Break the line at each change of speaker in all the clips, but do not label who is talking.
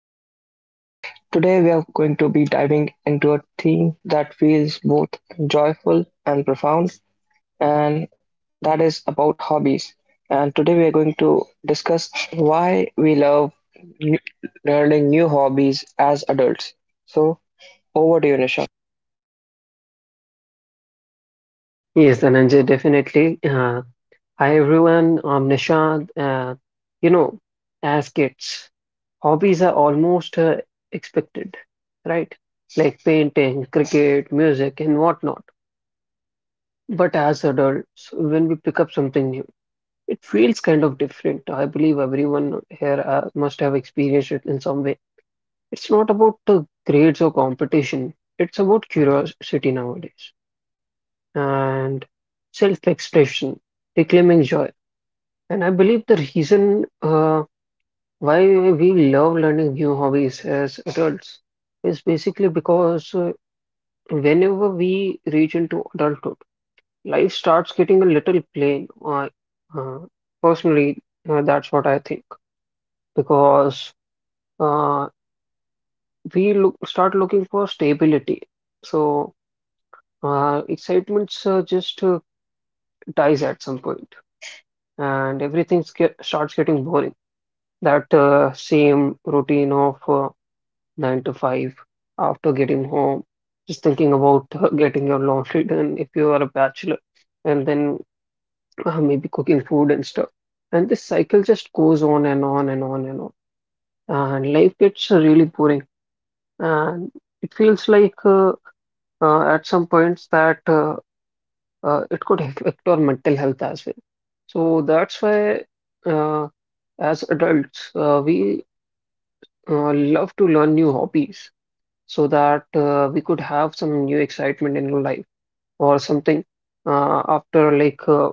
here with Nishant. Today, we are going to be diving into a theme that feels both joyful and profound, and that is about hobbies. And today, we are going to discuss why we love n- learning new hobbies as adults. So, over to you, Nishant.
Yes, Dhananjay, definitely. Hi, everyone. I'm Nishant. You know, as kids, hobbies are almost expected, right? Like painting, cricket, music, and whatnot. But as adults, when we pick up something new, it feels kind of different. I believe everyone here must have experienced it in some way. It's not about the grades or competition, it's about curiosity nowadays and self-expression, reclaiming joy. And I believe the reason why we love learning new hobbies as adults is basically because whenever we reach into adulthood, life starts getting a little plain. Uh, Personally, that's what I think because uh, we look start looking for stability. So excitements just dies at some point, and starts getting boring. That same routine of nine to five after getting home, just thinking about getting your laundry done if you are a bachelor, and then maybe cooking food and stuff. And this cycle just goes on and on and on and on. And life gets really boring. And it feels like at some points that it could affect our mental health as well. So that's why uh, as adults, we love to learn new hobbies so that we could have some new excitement in life or something after like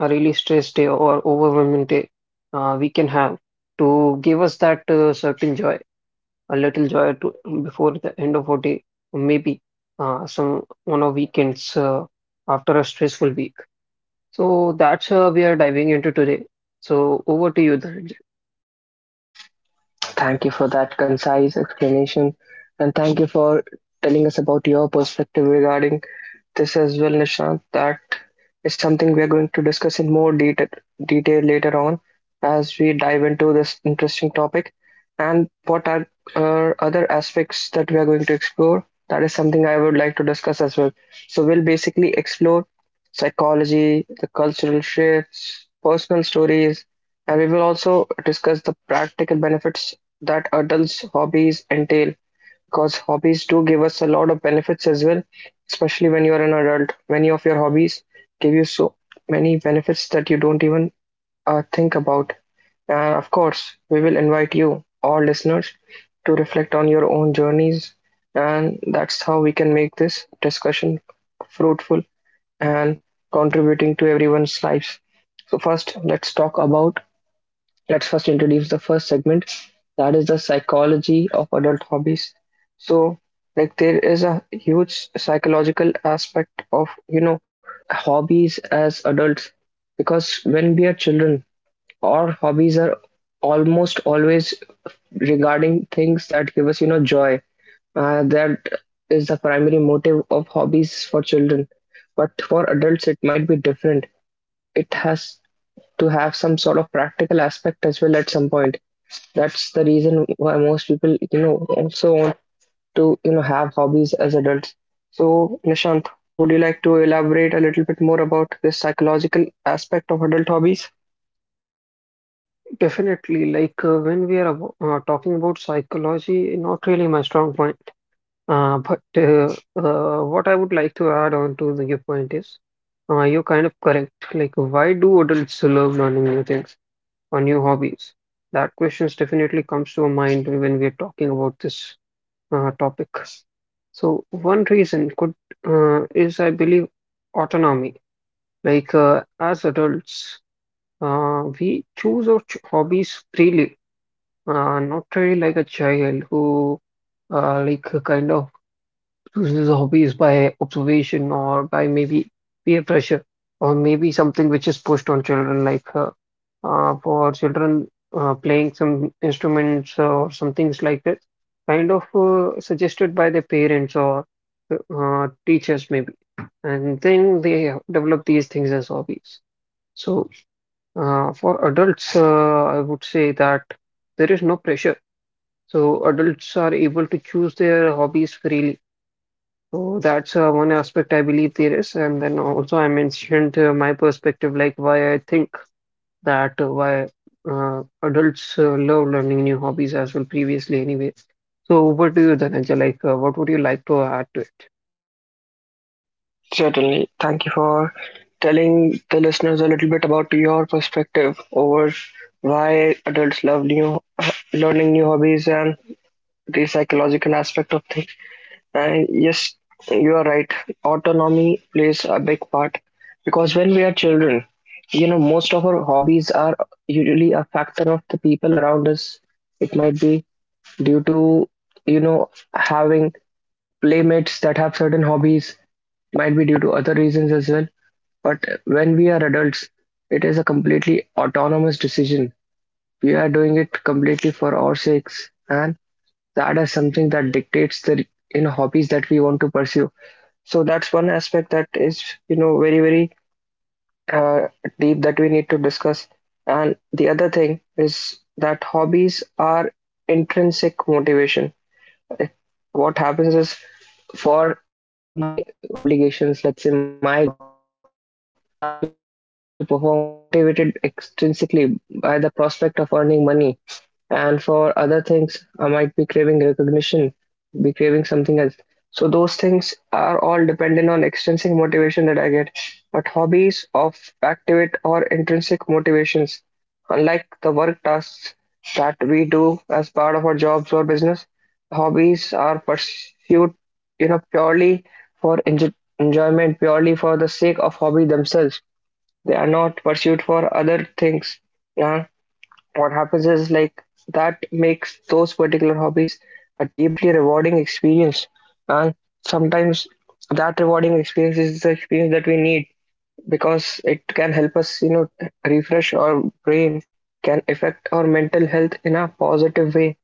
a really stressed day or overwhelming day we can have to give us that certain joy, a little joy to before the end of our day, or maybe some on our weekends after a stressful week. So that's we are diving into today. So over to you, Dhananjay.
Thank you for that concise explanation, and thank you for telling us about your perspective regarding this as well, Nishant. That is something we are going to discuss in more detail later on as we dive into this interesting topic. And what are other aspects that we are going to explore? That is something I would like to discuss as well. So, we'll basically explore psychology, the cultural shifts, personal stories, and we will also discuss the practical benefits that adults' hobbies entail, because hobbies do give us a lot of benefits as well, especially when you are an adult. Many of your hobbies give you so many benefits that you don't even think about. And of course, we will invite you, all listeners, to reflect on your own journeys. And that's how we can make this discussion fruitful and contributing to everyone's lives. So, first, let's talk about, let's first introduce the first segment, that is the psychology of adult hobbies. So, like, there is a huge psychological aspect of hobbies as adults, because when we are children, our hobbies are almost always regarding things that give us joy. That is the primary motive of hobbies for children, but for adults it might be different. It has to have some sort of practical aspect as well at some point. That's the reason why most people, also want to, have hobbies as adults. So, Nishant, would you like to elaborate a little bit more about this psychological aspect of adult hobbies?
Definitely, like when we are talking about psychology, not really my strong point. But what I would like to add on to your point is, you're kind of correct. Like, why do adults love learning new things or new hobbies? That question definitely comes to our mind when we're talking about this topic. So one reason could is, I believe, autonomy. Like as adults, we choose our ch hobbies freely, not really like a child who like kind of chooses hobbies by observation or by maybe peer pressure or maybe something which is pushed on children like for children playing some instruments or some things like this, kind of suggested by their parents or teachers maybe, and then they develop these things as hobbies. So for adults I would say that there is no pressure, so adults are able to choose their hobbies freely. So that's one aspect I believe there is. And then also, I mentioned my perspective, like why I think that why adults love learning new hobbies as well, previously, anyway. So, what do you, Dhananjay, like? What would you like to add to it?
Certainly. Thank you for telling the listeners a little bit about your perspective over why adults love new learning new hobbies and the psychological aspect of things. And yes, you are right. Autonomy plays a big part because when we are children, most of our hobbies are usually a factor of the people around us. It might be due to, having playmates that have certain hobbies, might be due to other reasons as well. But when we are adults, it is a completely autonomous decision. We are doing it completely for our sakes, and that is something that dictates the hobbies that we want to pursue. So that's one aspect that is, very, very uh, deep, that we need to discuss. And the other thing is that hobbies are intrinsic motivation. What happens is, for my obligations, let's say my job, the task that I need to perform, I'm motivated extrinsically by the prospect of earning money. And for other things, I might be craving recognition, be craving something else. So those things are all dependent on extrinsic motivation that I get. But hobbies of activate or intrinsic motivations, unlike the work tasks that we do as part of our jobs or business, hobbies are pursued, purely for enjoyment, purely for the sake of hobby themselves. They are not pursued for other things. Yeah. What happens is, like, that makes those particular hobbies a deeply rewarding experience. And sometimes that rewarding experience is the experience that we need, because it can help us, refresh our brain, can affect our mental health in a positive way.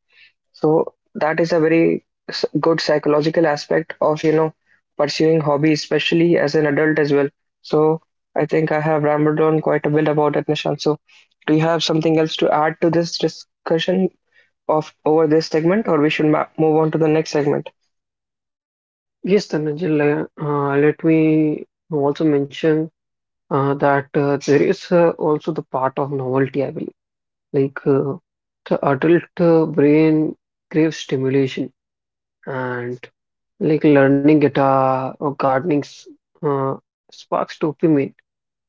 So that is a very good psychological aspect of, pursuing hobby, especially as an adult as well. So I think I have rambled on quite a bit about it, Nishant. So do you have something else to add to this discussion of over this segment, or we should ma move on to the next segment?
Yes, Dhananjay, let me also mention that there is also the part of novelty, I believe. Like the adult brain craves stimulation. And. Like learning guitar or gardening sparks dopamine,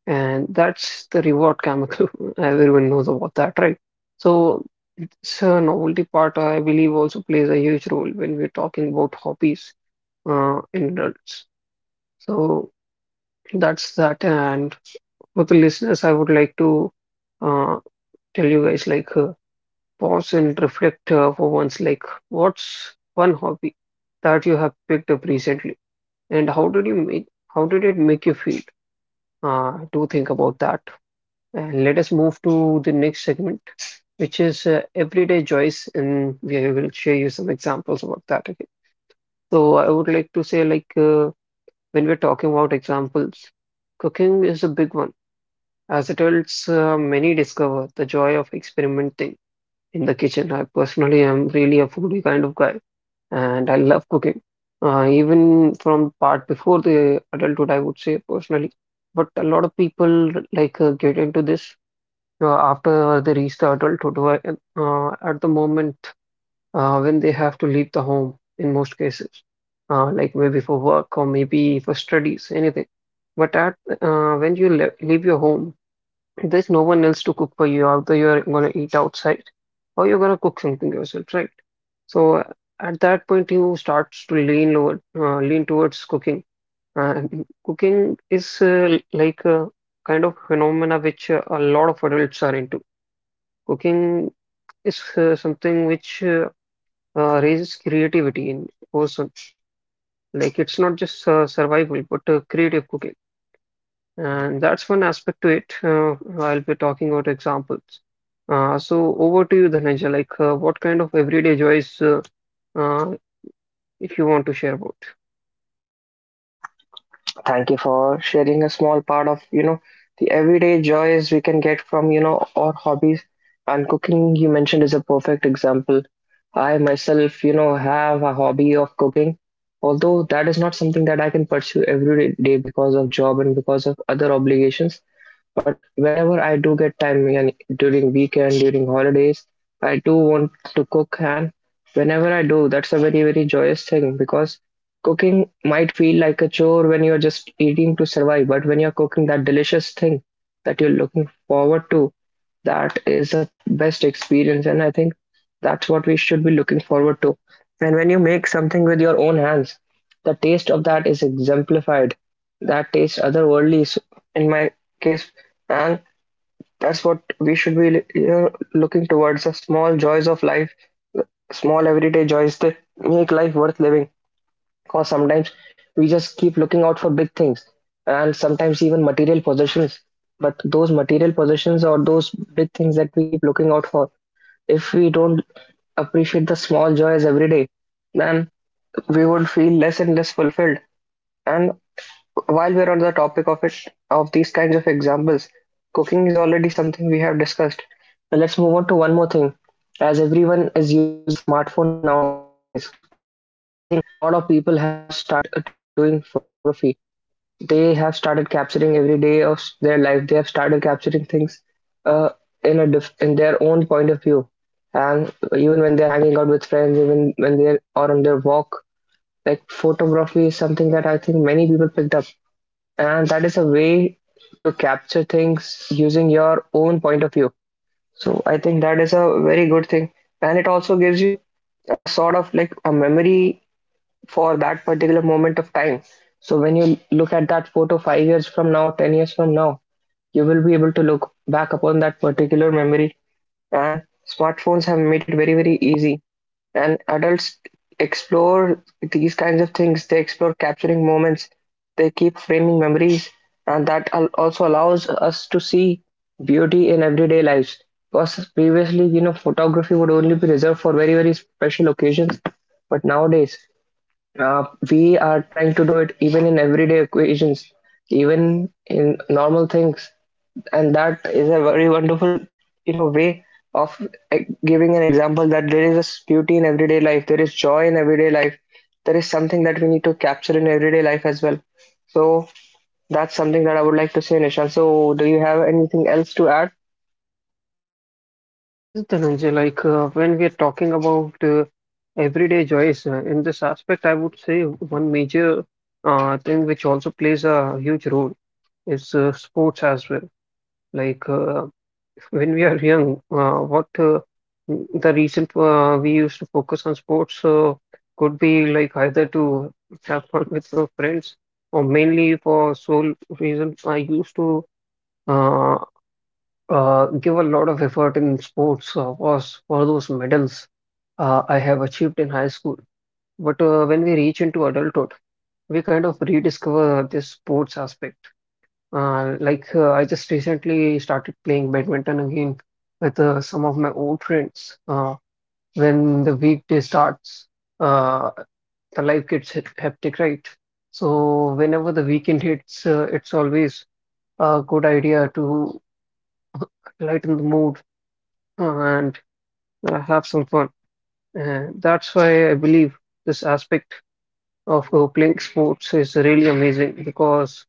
and that's the reward chemical. Everyone knows about that, right? So it's a novelty part, I believe, also plays a huge role when we're talking about hobbies in adults. So that's that. And for the listeners, I would like to uh, tell you guys like pause and reflect for once, like what's one hobby that you have picked up recently? And how did it make you feel? Do think about that. And let us move to the next segment, which is everyday joys, and we will share you some examples about that. Okay. So I would like to say, like when we're talking about examples, cooking is a big one. As adults, many discover the joy of experimenting in the kitchen. I personally am really a foodie kind of guy, and I love cooking. Even from part before the adulthood, I would say personally. But a lot of people like get into this after they reach the adulthood, where, at the moment when they have to leave the home in most cases, like maybe for work or maybe for studies, anything. But at when you le leave your home, there's no one else to cook for you, although you're gonna eat outside or you're gonna cook something yourself, right? So at that point, you start to lean towards cooking. And cooking is like a kind of phenomena which a lot of adults are into. Cooking is something which raises creativity in person. Like it's not just survival, but creative cooking. And that's one aspect to it. I'll be talking about examples. So over to you, Dhananjay. Like, what kind of everyday joys, uh, if you want to share about?
Thank you for sharing a small part of, the everyday joys we can get from, our hobbies. And cooking, you mentioned, is a perfect example. I myself, have a hobby of cooking, although that is not something that I can pursue every day because of job and because of other obligations. But whenever I do get time, and during weekend, during holidays, I do want to cook. And whenever I do, that's a very, very joyous thing, because cooking might feel like a chore when you're just eating to survive, but when you're cooking that delicious thing that you're looking forward to, that is the best experience. And I think that's what we should be looking forward to. And when you make something with your own hands, the taste of that is exemplified. That taste otherworldly. So in my case. And that's what we should be looking towards the small joys of life, small everyday joys that make life worth living. Because sometimes we just keep looking out for big things, and sometimes even material possessions. But those material possessions or those big things that we keep looking out for, if we don't appreciate the small joys every day, then we would feel less and less fulfilled. And while we're on the topic of it of these kinds of examples, cooking is already something we have discussed. Now let's move on to one more thing. As everyone is using a smartphone nowadays, I think a lot of people have started doing photography. They have started capturing every day of their life. They have started capturing things uh, in their own point of view. And even when they're hanging out with friends, even when they are on their walk, like, photography is something that I think many people picked up, and that is a way to capture things using your own point of view. So I think that is a very good thing, and it also gives you a sort of like a memory for that particular moment of time. So when you look at that photo 5 years from now, 10 years from now, you will be able to look back upon that particular memory. And smartphones have made it very, very easy. And adults explore these kinds of things. They explore capturing moments. They keep framing memories. And that also allows us to see beauty in everyday lives. Because previously, photography would only be reserved for very, very special occasions. But nowadays, uh, we are trying to do it even in everyday occasions, even in normal things, and that is a very wonderful way of giving an example that there is a beauty in everyday life, there is joy in everyday life, there is something that we need to capture in everyday life as well. So that's something that I would like to say, Nishant. So do you have anything else to add?
Yes, Dhananjay. Like, when we are talking about everyday joys in this aspect, I would say one major thing which also plays a huge role is sports as well. Like. Uh, When we are young, the reason we used to focus on sports could be like either to have fun with your friends, or mainly for sole reason I used to uh, give a lot of effort in sports was for those medals I have achieved in high school. But when we reach into adulthood, we kind of rediscover this sports aspect. Like I just recently started playing badminton again with some of my old friends. When the weekday starts, uh, the life gets hectic, right? So whenever the weekend hits, it's always a good idea to lighten the mood and have some fun. And that's why I believe this aspect of playing sports is really amazing, because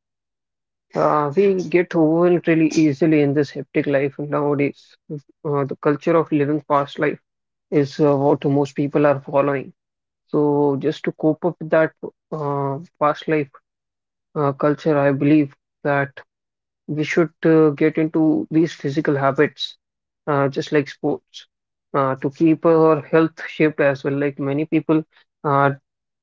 We get overwhelmed really easily in this hectic life nowadays. The culture of living past life is what most people are following. So, just to cope up with that fast life culture, I believe that we should get into these physical habits, just like sports, to keep our health shaped as well. Like many people uh,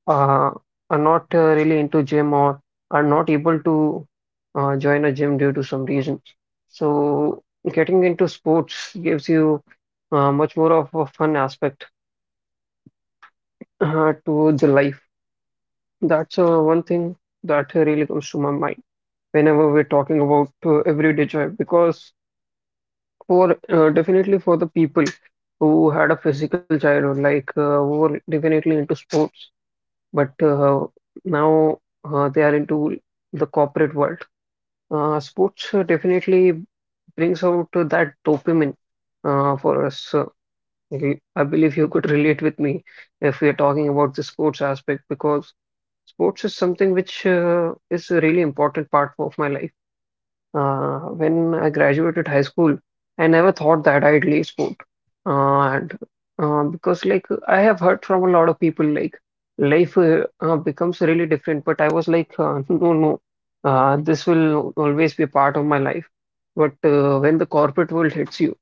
uh, are not really into gym or are not able to join a gym due to some reason. So getting into sports gives you much more of a fun aspect to the life. That's one thing that really comes to my mind whenever we're talking about everyday joy, because for definitely for the people who had a physical childhood, like who were definitely into sports. But now they are into the corporate world. Sports definitely brings out that dopamine for us. I believe you could relate with me if we are talking about the sports aspect, because sports is something which is a really important part of my life. When I graduated high school, I never thought that I'd leave sport. And because like I have heard from a lot of people like life becomes really different, but I was like, no, no, this will always be a part of my life. But when the corporate world hits you,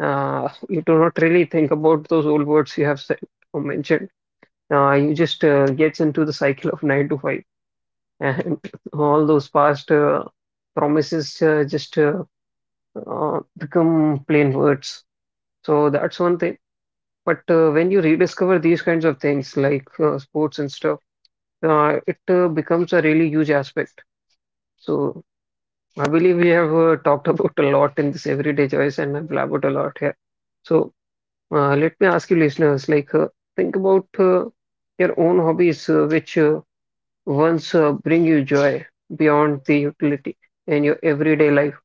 you do not really think about those old words you have said or mentioned. You just gets into the cycle of nine to five, and all those past promises just become plain words. So that's one thing. But when you rediscover these kinds of things like sports and stuff, it becomes a really huge aspect. So I believe we have talked about a lot in this everyday choice, and I've blabbered a lot here. So let me ask you, listeners, like think about your own hobbies, which once bring you joy beyond the utility in your everyday life.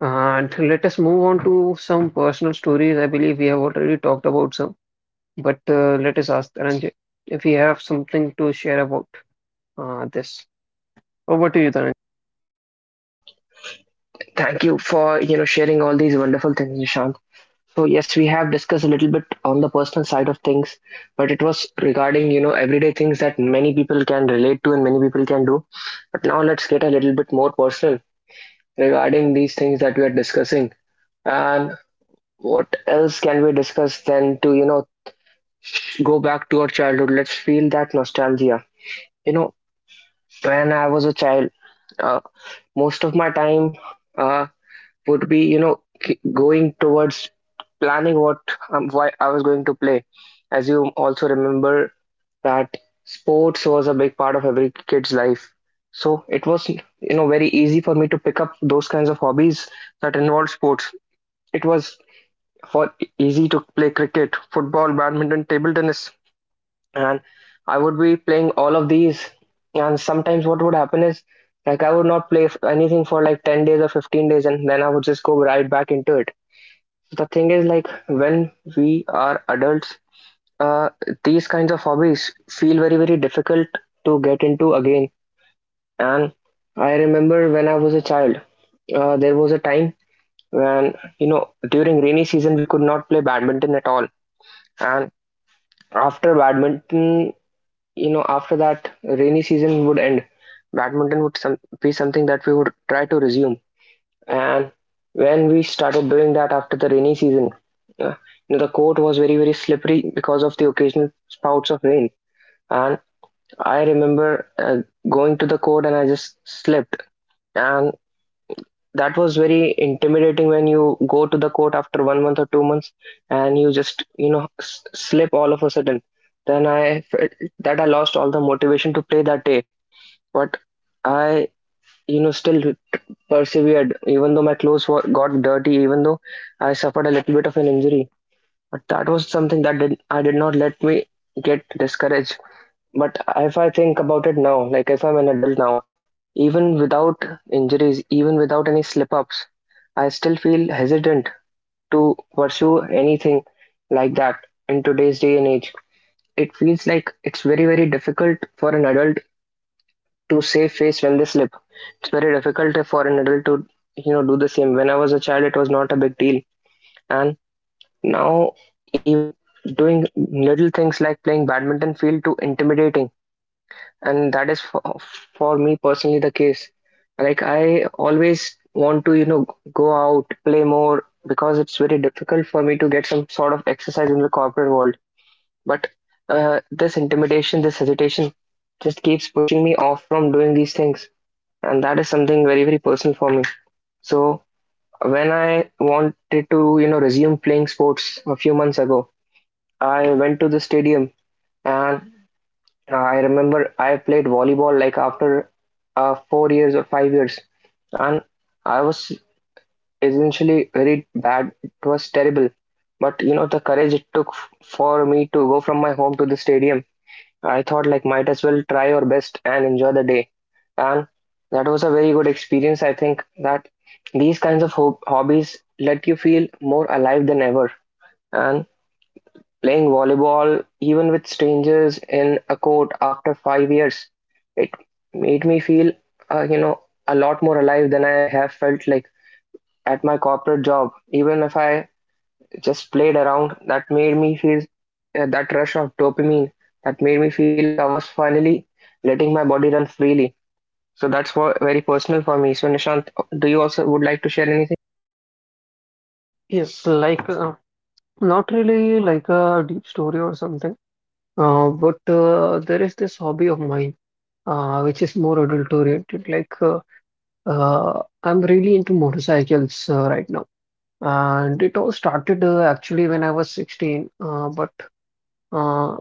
And let us move on to some personal stories. I believe we have already talked about some, but let us ask Dhananjay if he have something to share about this. Over to you, Dhananjay.
Thank you for sharing all these wonderful things, Nishant. So yes, we have discussed a little bit on the personal side of things, but it was regarding everyday things that many people can relate to and many people can do. But now let's get a little bit more personal regarding these things that we are discussing. And what else can we discuss then to, go back to our childhood? Let's feel that nostalgia. You know, when I was a child, uh, most of my time uh, would be, going towards planning what why I was going to play. As you also remember that sports was a big part of every kid's life. So it was, very easy for me to pick up those kinds of hobbies that involved sports. It was for easy to play cricket, football, badminton, table tennis, and I would be playing all of these. And sometimes what would happen is, like, I would not play anything for like 10 days or 15 days, and then I would just go right back into it. The thing is, like when we are adults, uh, these kinds of hobbies feel very, very difficult to get into again. And I remember when I was a child, there was a time when, during rainy season, we could not play badminton at all. And after badminton, after that rainy season would end, badminton would be something that we would try to resume. And when we started doing that after the rainy season, uh, the court was very, very slippery because of the occasional spouts of rain. And I remember going to the court and I just slipped. And that was very intimidating when you go to the court after 1 month or 2 months and you just slip all of a sudden. Then I felt that I lost all the motivation to play that day, but I, still persevered, even though my got dirty, even though I suffered a little bit of an injury. But that was something that did not let me get discouraged. But if I think about it now, like if I'm an adult now, even without injuries, even without any slip ups, I still feel hesitant to pursue anything like that in today's day and age. It feels like it's very, very difficult for an adult to save face when they slip. It's very difficult for an adult to, do the same. When I was a child, it was not a big deal. And now, even doing little things like playing badminton feel too intimidating, and that is for me personally the case. Like I always want to, go out, play more, because it's very difficult for me to get some sort of exercise in the corporate world. But this intimidation, this hesitation just keeps pushing me off from doing these things, and that is something very, very personal for me. So when I wanted to, resume playing sports a few months ago, I went to the stadium. And I remember I played volleyball like after 4 years or 5 years, and I was essentially very bad. It was terrible, but the courage it took for me to go from my home to the stadium. I thought like might as well try our best and enjoy the day. And that was a very good experience. I think that these kinds of hobbies let you feel more alive than ever. And playing volleyball, even with strangers in a court after 5 years, it made me feel, uh, you know, a lot more alive than I have felt like at my corporate job. Even if I just played around, that made me feel that rush of dopamine, that made me feel like I was finally letting my body run freely. So that's what very personal for me. So Nishant, do you also would like to share anything?
Yes, like not really like a deep story or something, but there is this hobby of mine which is more adult oriented. Like I'm really into motorcycles right now, and it all started actually when I was 16. But uh,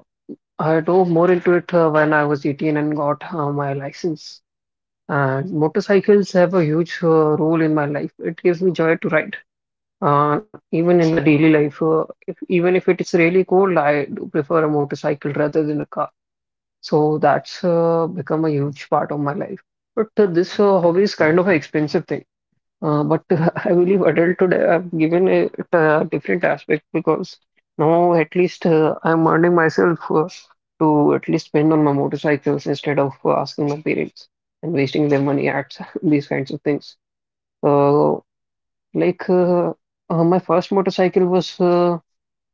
I dove more into it when I was 18 and got my license. And motorcycles have a huge role in my life. It gives me joy to ride, even in the daily life. If, Even if it is really cold, I do prefer a motorcycle rather than a car. So that's become a huge part of my life. But this hobby is kind of an expensive thing. But I believe adulthood, I've given it a different aspect because now at least I'm earning myself to at least spend on my motorcycles instead of asking my parents and wasting their money at these kinds of things. So, like, uh, my first motorcycle was uh,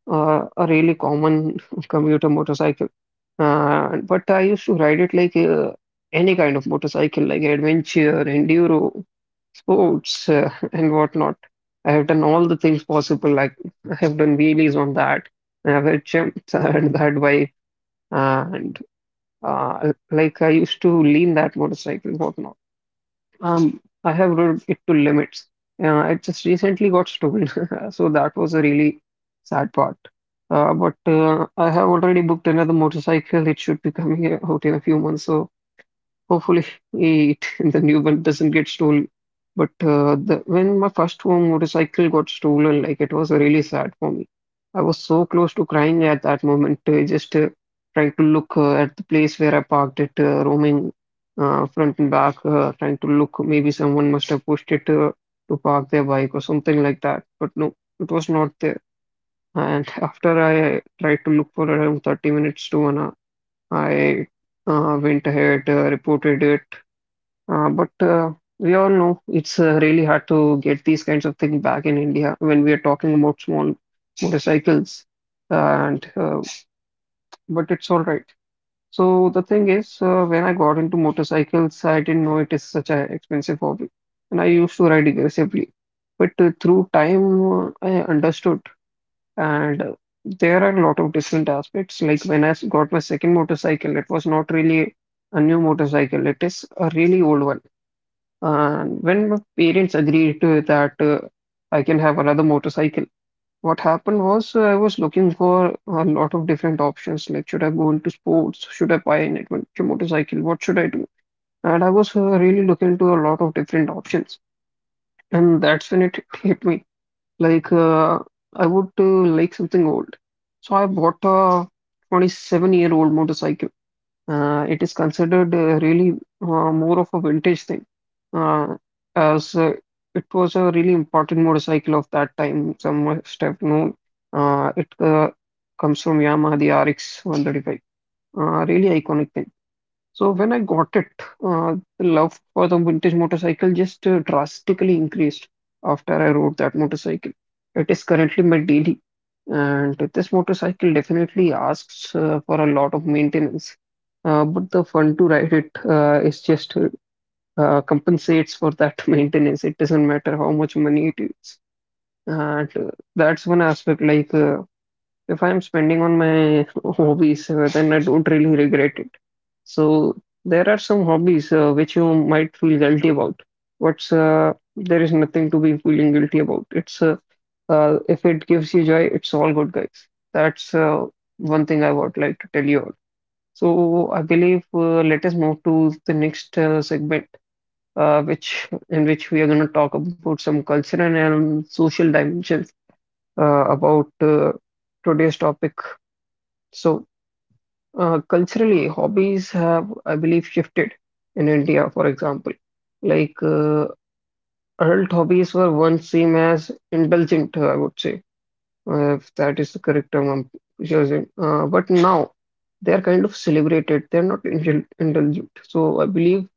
uh, a really common commuter motorcycle. But I used to ride it like any kind of motorcycle, like adventure, enduro sports and whatnot. I have done all the things possible. Like I have done wheelies on that. I have jumped that bike and like I used to lean that motorcycle, whatnot. I have rode it to limits. It just recently got stolen, so that was a really sad part. But I have already booked another motorcycle. It should be coming out in a few months, so hopefully, it the new one doesn't get stolen. When my first home motorcycle got stolen, like it was really sad for me. I was so close to crying at that moment. I just tried to look at the place where I parked it, roaming front and back, trying to look. Maybe someone must have pushed it to park their bike or something like that. But no, it was not there. And after I tried to look for around 30 minutes to an hour, I went ahead, reported it, but we all know it's really hard to get these kinds of things back in India when we are talking about small motorcycles. And but it's all right. So the thing is, when I got into motorcycles, I didn't know it is such an expensive hobby, and I used to ride aggressively. But through time, I understood, and there are a lot of different aspects. Like when I got my second motorcycle, it was not really a new motorcycle; it is a really old one, and when my parents agreed to that I can have another motorcycle, what happened was I was looking for a lot of different options. Like, should I go into sports? Should I buy an adventure motorcycle? What should I do? And I was really looking into a lot of different options. And that's when it hit me. Like, uh, I would like something old. So I bought a 27-year-old motorcycle. It is considered really more of a vintage thing, uh, as it was a really important motorcycle of that time. Some must have known. It comes from Yamaha, the RX 135. Really iconic thing. So when I got it, the love for the vintage motorcycle just drastically increased after I rode that motorcycle. It is currently my daily, and this motorcycle definitely asks for a lot of maintenance. But the fun to ride it is just compensates for that maintenance. It doesn't matter how much money it is, and that's one aspect. If I'm spending on my hobbies, then I don't really regret it. So there are some hobbies which you might feel guilty about. What's There is nothing to be feeling guilty about. It's If it gives you joy, it's all good, guys. That's one thing I would like to tell you all. So I believe let us move to the next segment, which in which we are going to talk about some cultural and social dimensions about today's topic. so, Culturally, hobbies have, I believe, shifted in India, for example. Like, uh, Adult hobbies were once seen as indulgent, I would say, if that is the correct term I'm using. But now they are kind of celebrated, they're not indulgent. So, I believe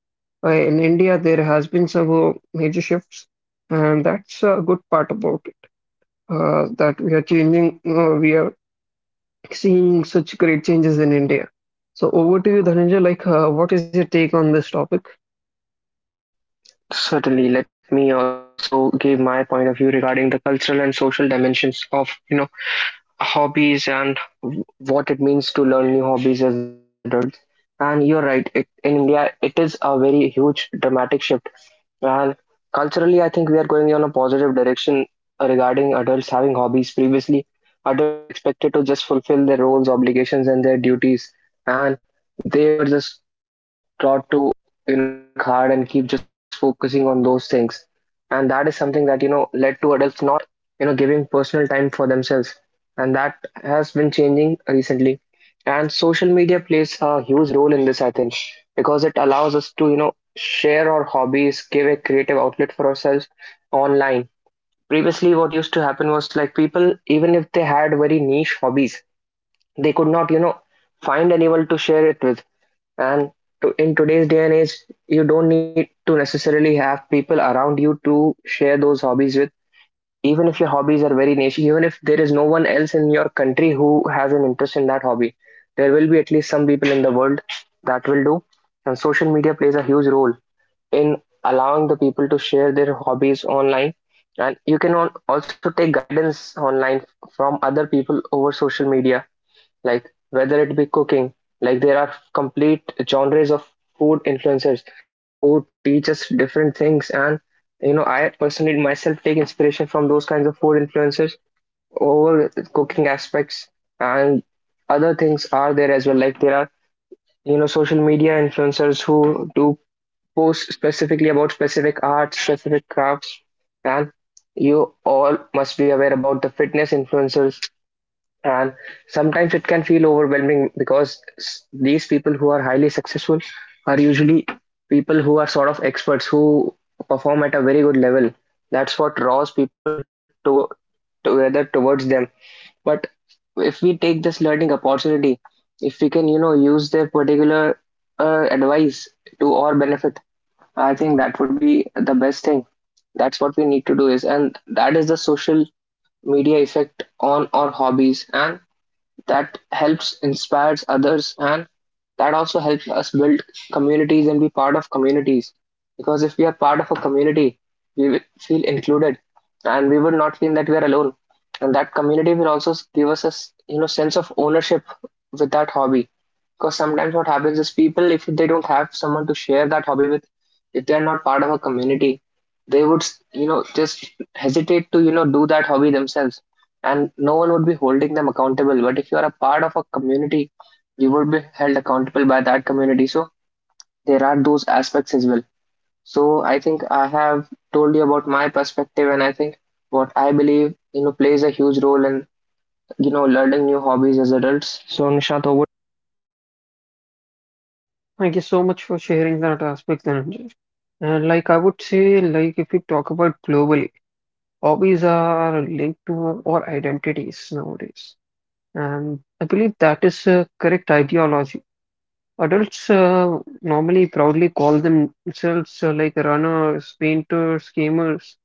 in India, there has been some major shifts, and that's a good part about it. That we are changing, we are seeing such great changes in India. So over to you, Dhananjay. What is your take on this topic?
Certainly, let me also give my point of view regarding the cultural and social dimensions of, hobbies, and what it means to learn new hobbies as adults. And you're right, it, in India, it is a very huge dramatic shift, and culturally, I think we are going on a positive direction regarding adults having hobbies. Previously, adults were expected to just fulfill their roles, obligations, and their duties, and they were just taught to, work hard and keep just focusing on those things. And that is something that, led to adults not, giving personal time for themselves. And that has been changing recently. And social media plays a huge role in this, I think, because it allows us to, share our hobbies, give a creative outlet for ourselves online. Previously, what used to happen was like people, even if they had very niche hobbies, they could not, find anyone to share it with. And to, in today's day and age, you don't need to necessarily have people around you to share those hobbies with. Even if your hobbies are very niche, even if there is no one else in your country who has an interest in that hobby, there will be at least some people in the world that will do. And social media plays a huge role in allowing the people to share their hobbies online, and you can also take guidance online from other people over social media, like whether it be cooking. Like there are complete genres of food influencers who teach us different things, and I personally myself take inspiration from those kinds of food influencers over cooking aspects. And other things are there as well. Like there are, social media influencers who do posts specifically about specific arts, specific crafts, and you all must be aware about the fitness influencers. And sometimes it can feel overwhelming because these people who are highly successful are usually people who are sort of experts who perform at a very good level. That's what draws people to together towards them. But if we take this learning opportunity, if we can, use their particular advice to our benefit, I think that would be the best thing. That's what we need to do is, and that is the social media effect on our hobbies, and that helps inspires others, and that also helps us build communities and be part of communities. Because if we are part of a community, we will feel included, and we will not feel that we are alone. And that community will also give us a you know sense of ownership with that hobby, because sometimes what happens is people, if they don't have someone to share that hobby with, if they are not part of a community, they would, just hesitate to, do that hobby themselves, and no one would be holding them accountable. But if you are a part of a community, you would be held accountable by that community. So there are those aspects as well. So I think I have told you about my perspective, and I think what I believe, plays a huge role in, learning new hobbies as adults. So Nishant, over.
Thank you so much for sharing that aspect, Dhananjay. And I would say, like if we talk about globally, hobbies are linked to our identities nowadays. And I believe that is a correct ideology. Adults normally proudly call themselves like runners, painters, gamers.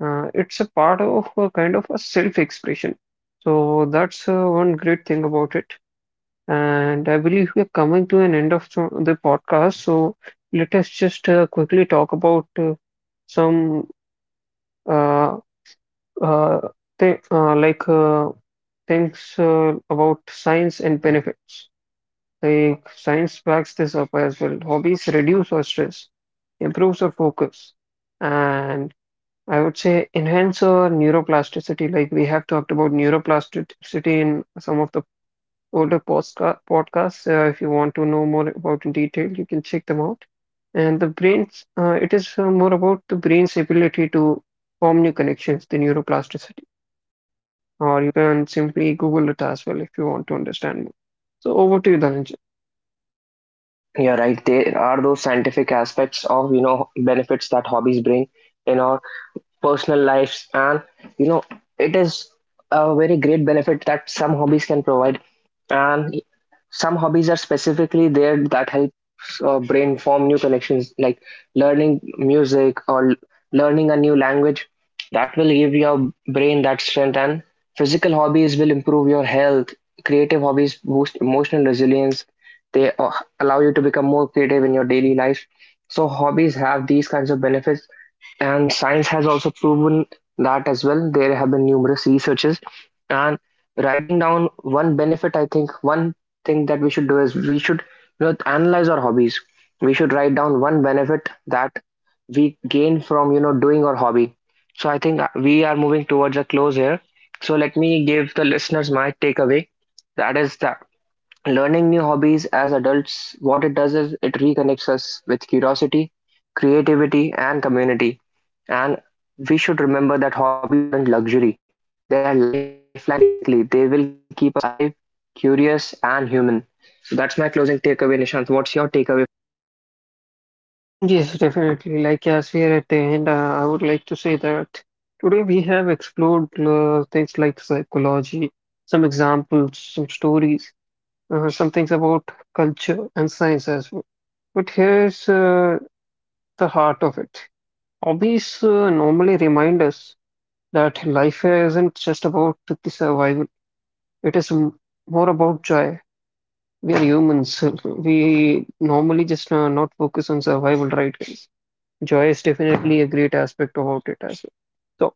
It's a part of a kind of a self-expression. So that's one great thing about it. And I believe we are coming to an end of the podcast. So let us just quickly talk about some uh, uh, th like things about science and benefits. Like science backs this up as well. Hobbies reduce our stress, improves our focus, and I would say enhance our neuroplasticity. Like we have talked about neuroplasticity in some of the older podcasts. If you want to know more about in detail, you can check them out. And the it is more about the brain's ability to form new connections, the neuroplasticity. Or you can simply Google it as well if you want to understand more. So over to you, Dhananjay.
Yeah, right. There are those scientific aspects of, benefits that hobbies bring in our personal lives, and you know it is a very great benefit that some hobbies can provide. And some hobbies are specifically there that helps brain form new connections, like learning music, or learning a new language. That will give your brain that strength, and physical hobbies will improve your health, creative hobbies boost emotional resilience. They allow you to become more creative in your daily life. So hobbies have these kinds of benefits, and science has also proven that as well. There have been numerous researches, and writing down one benefit, I think one thing that we should do is we should, analyze our hobbies. We should write down one benefit that we gain from, doing our hobby. So I think we are moving towards a close here. So let me give the listeners my takeaway. That is that learning new hobbies as adults, what it does is it reconnects us with curiosity, creativity, and community. And we should remember that hobbies aren't luxury, they are lifelines basically. They will keep us alive, curious, and human. So that's my closing takeaway, Nishant. What's your takeaway?
Yes, definitely. Like, as we are at the end, I would like to say that today we have explored things like psychology, some examples, some stories, some things about culture and science as well. But here's the heart of it. Hobbies normally remind us that life isn't just about the survival, it is more about joy. We are humans. We normally just not focus on survival, right, guys? Joy is definitely a great aspect about it as well. So,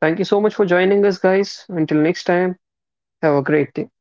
thank you so much for joining us, guys. Until next time, have a great day.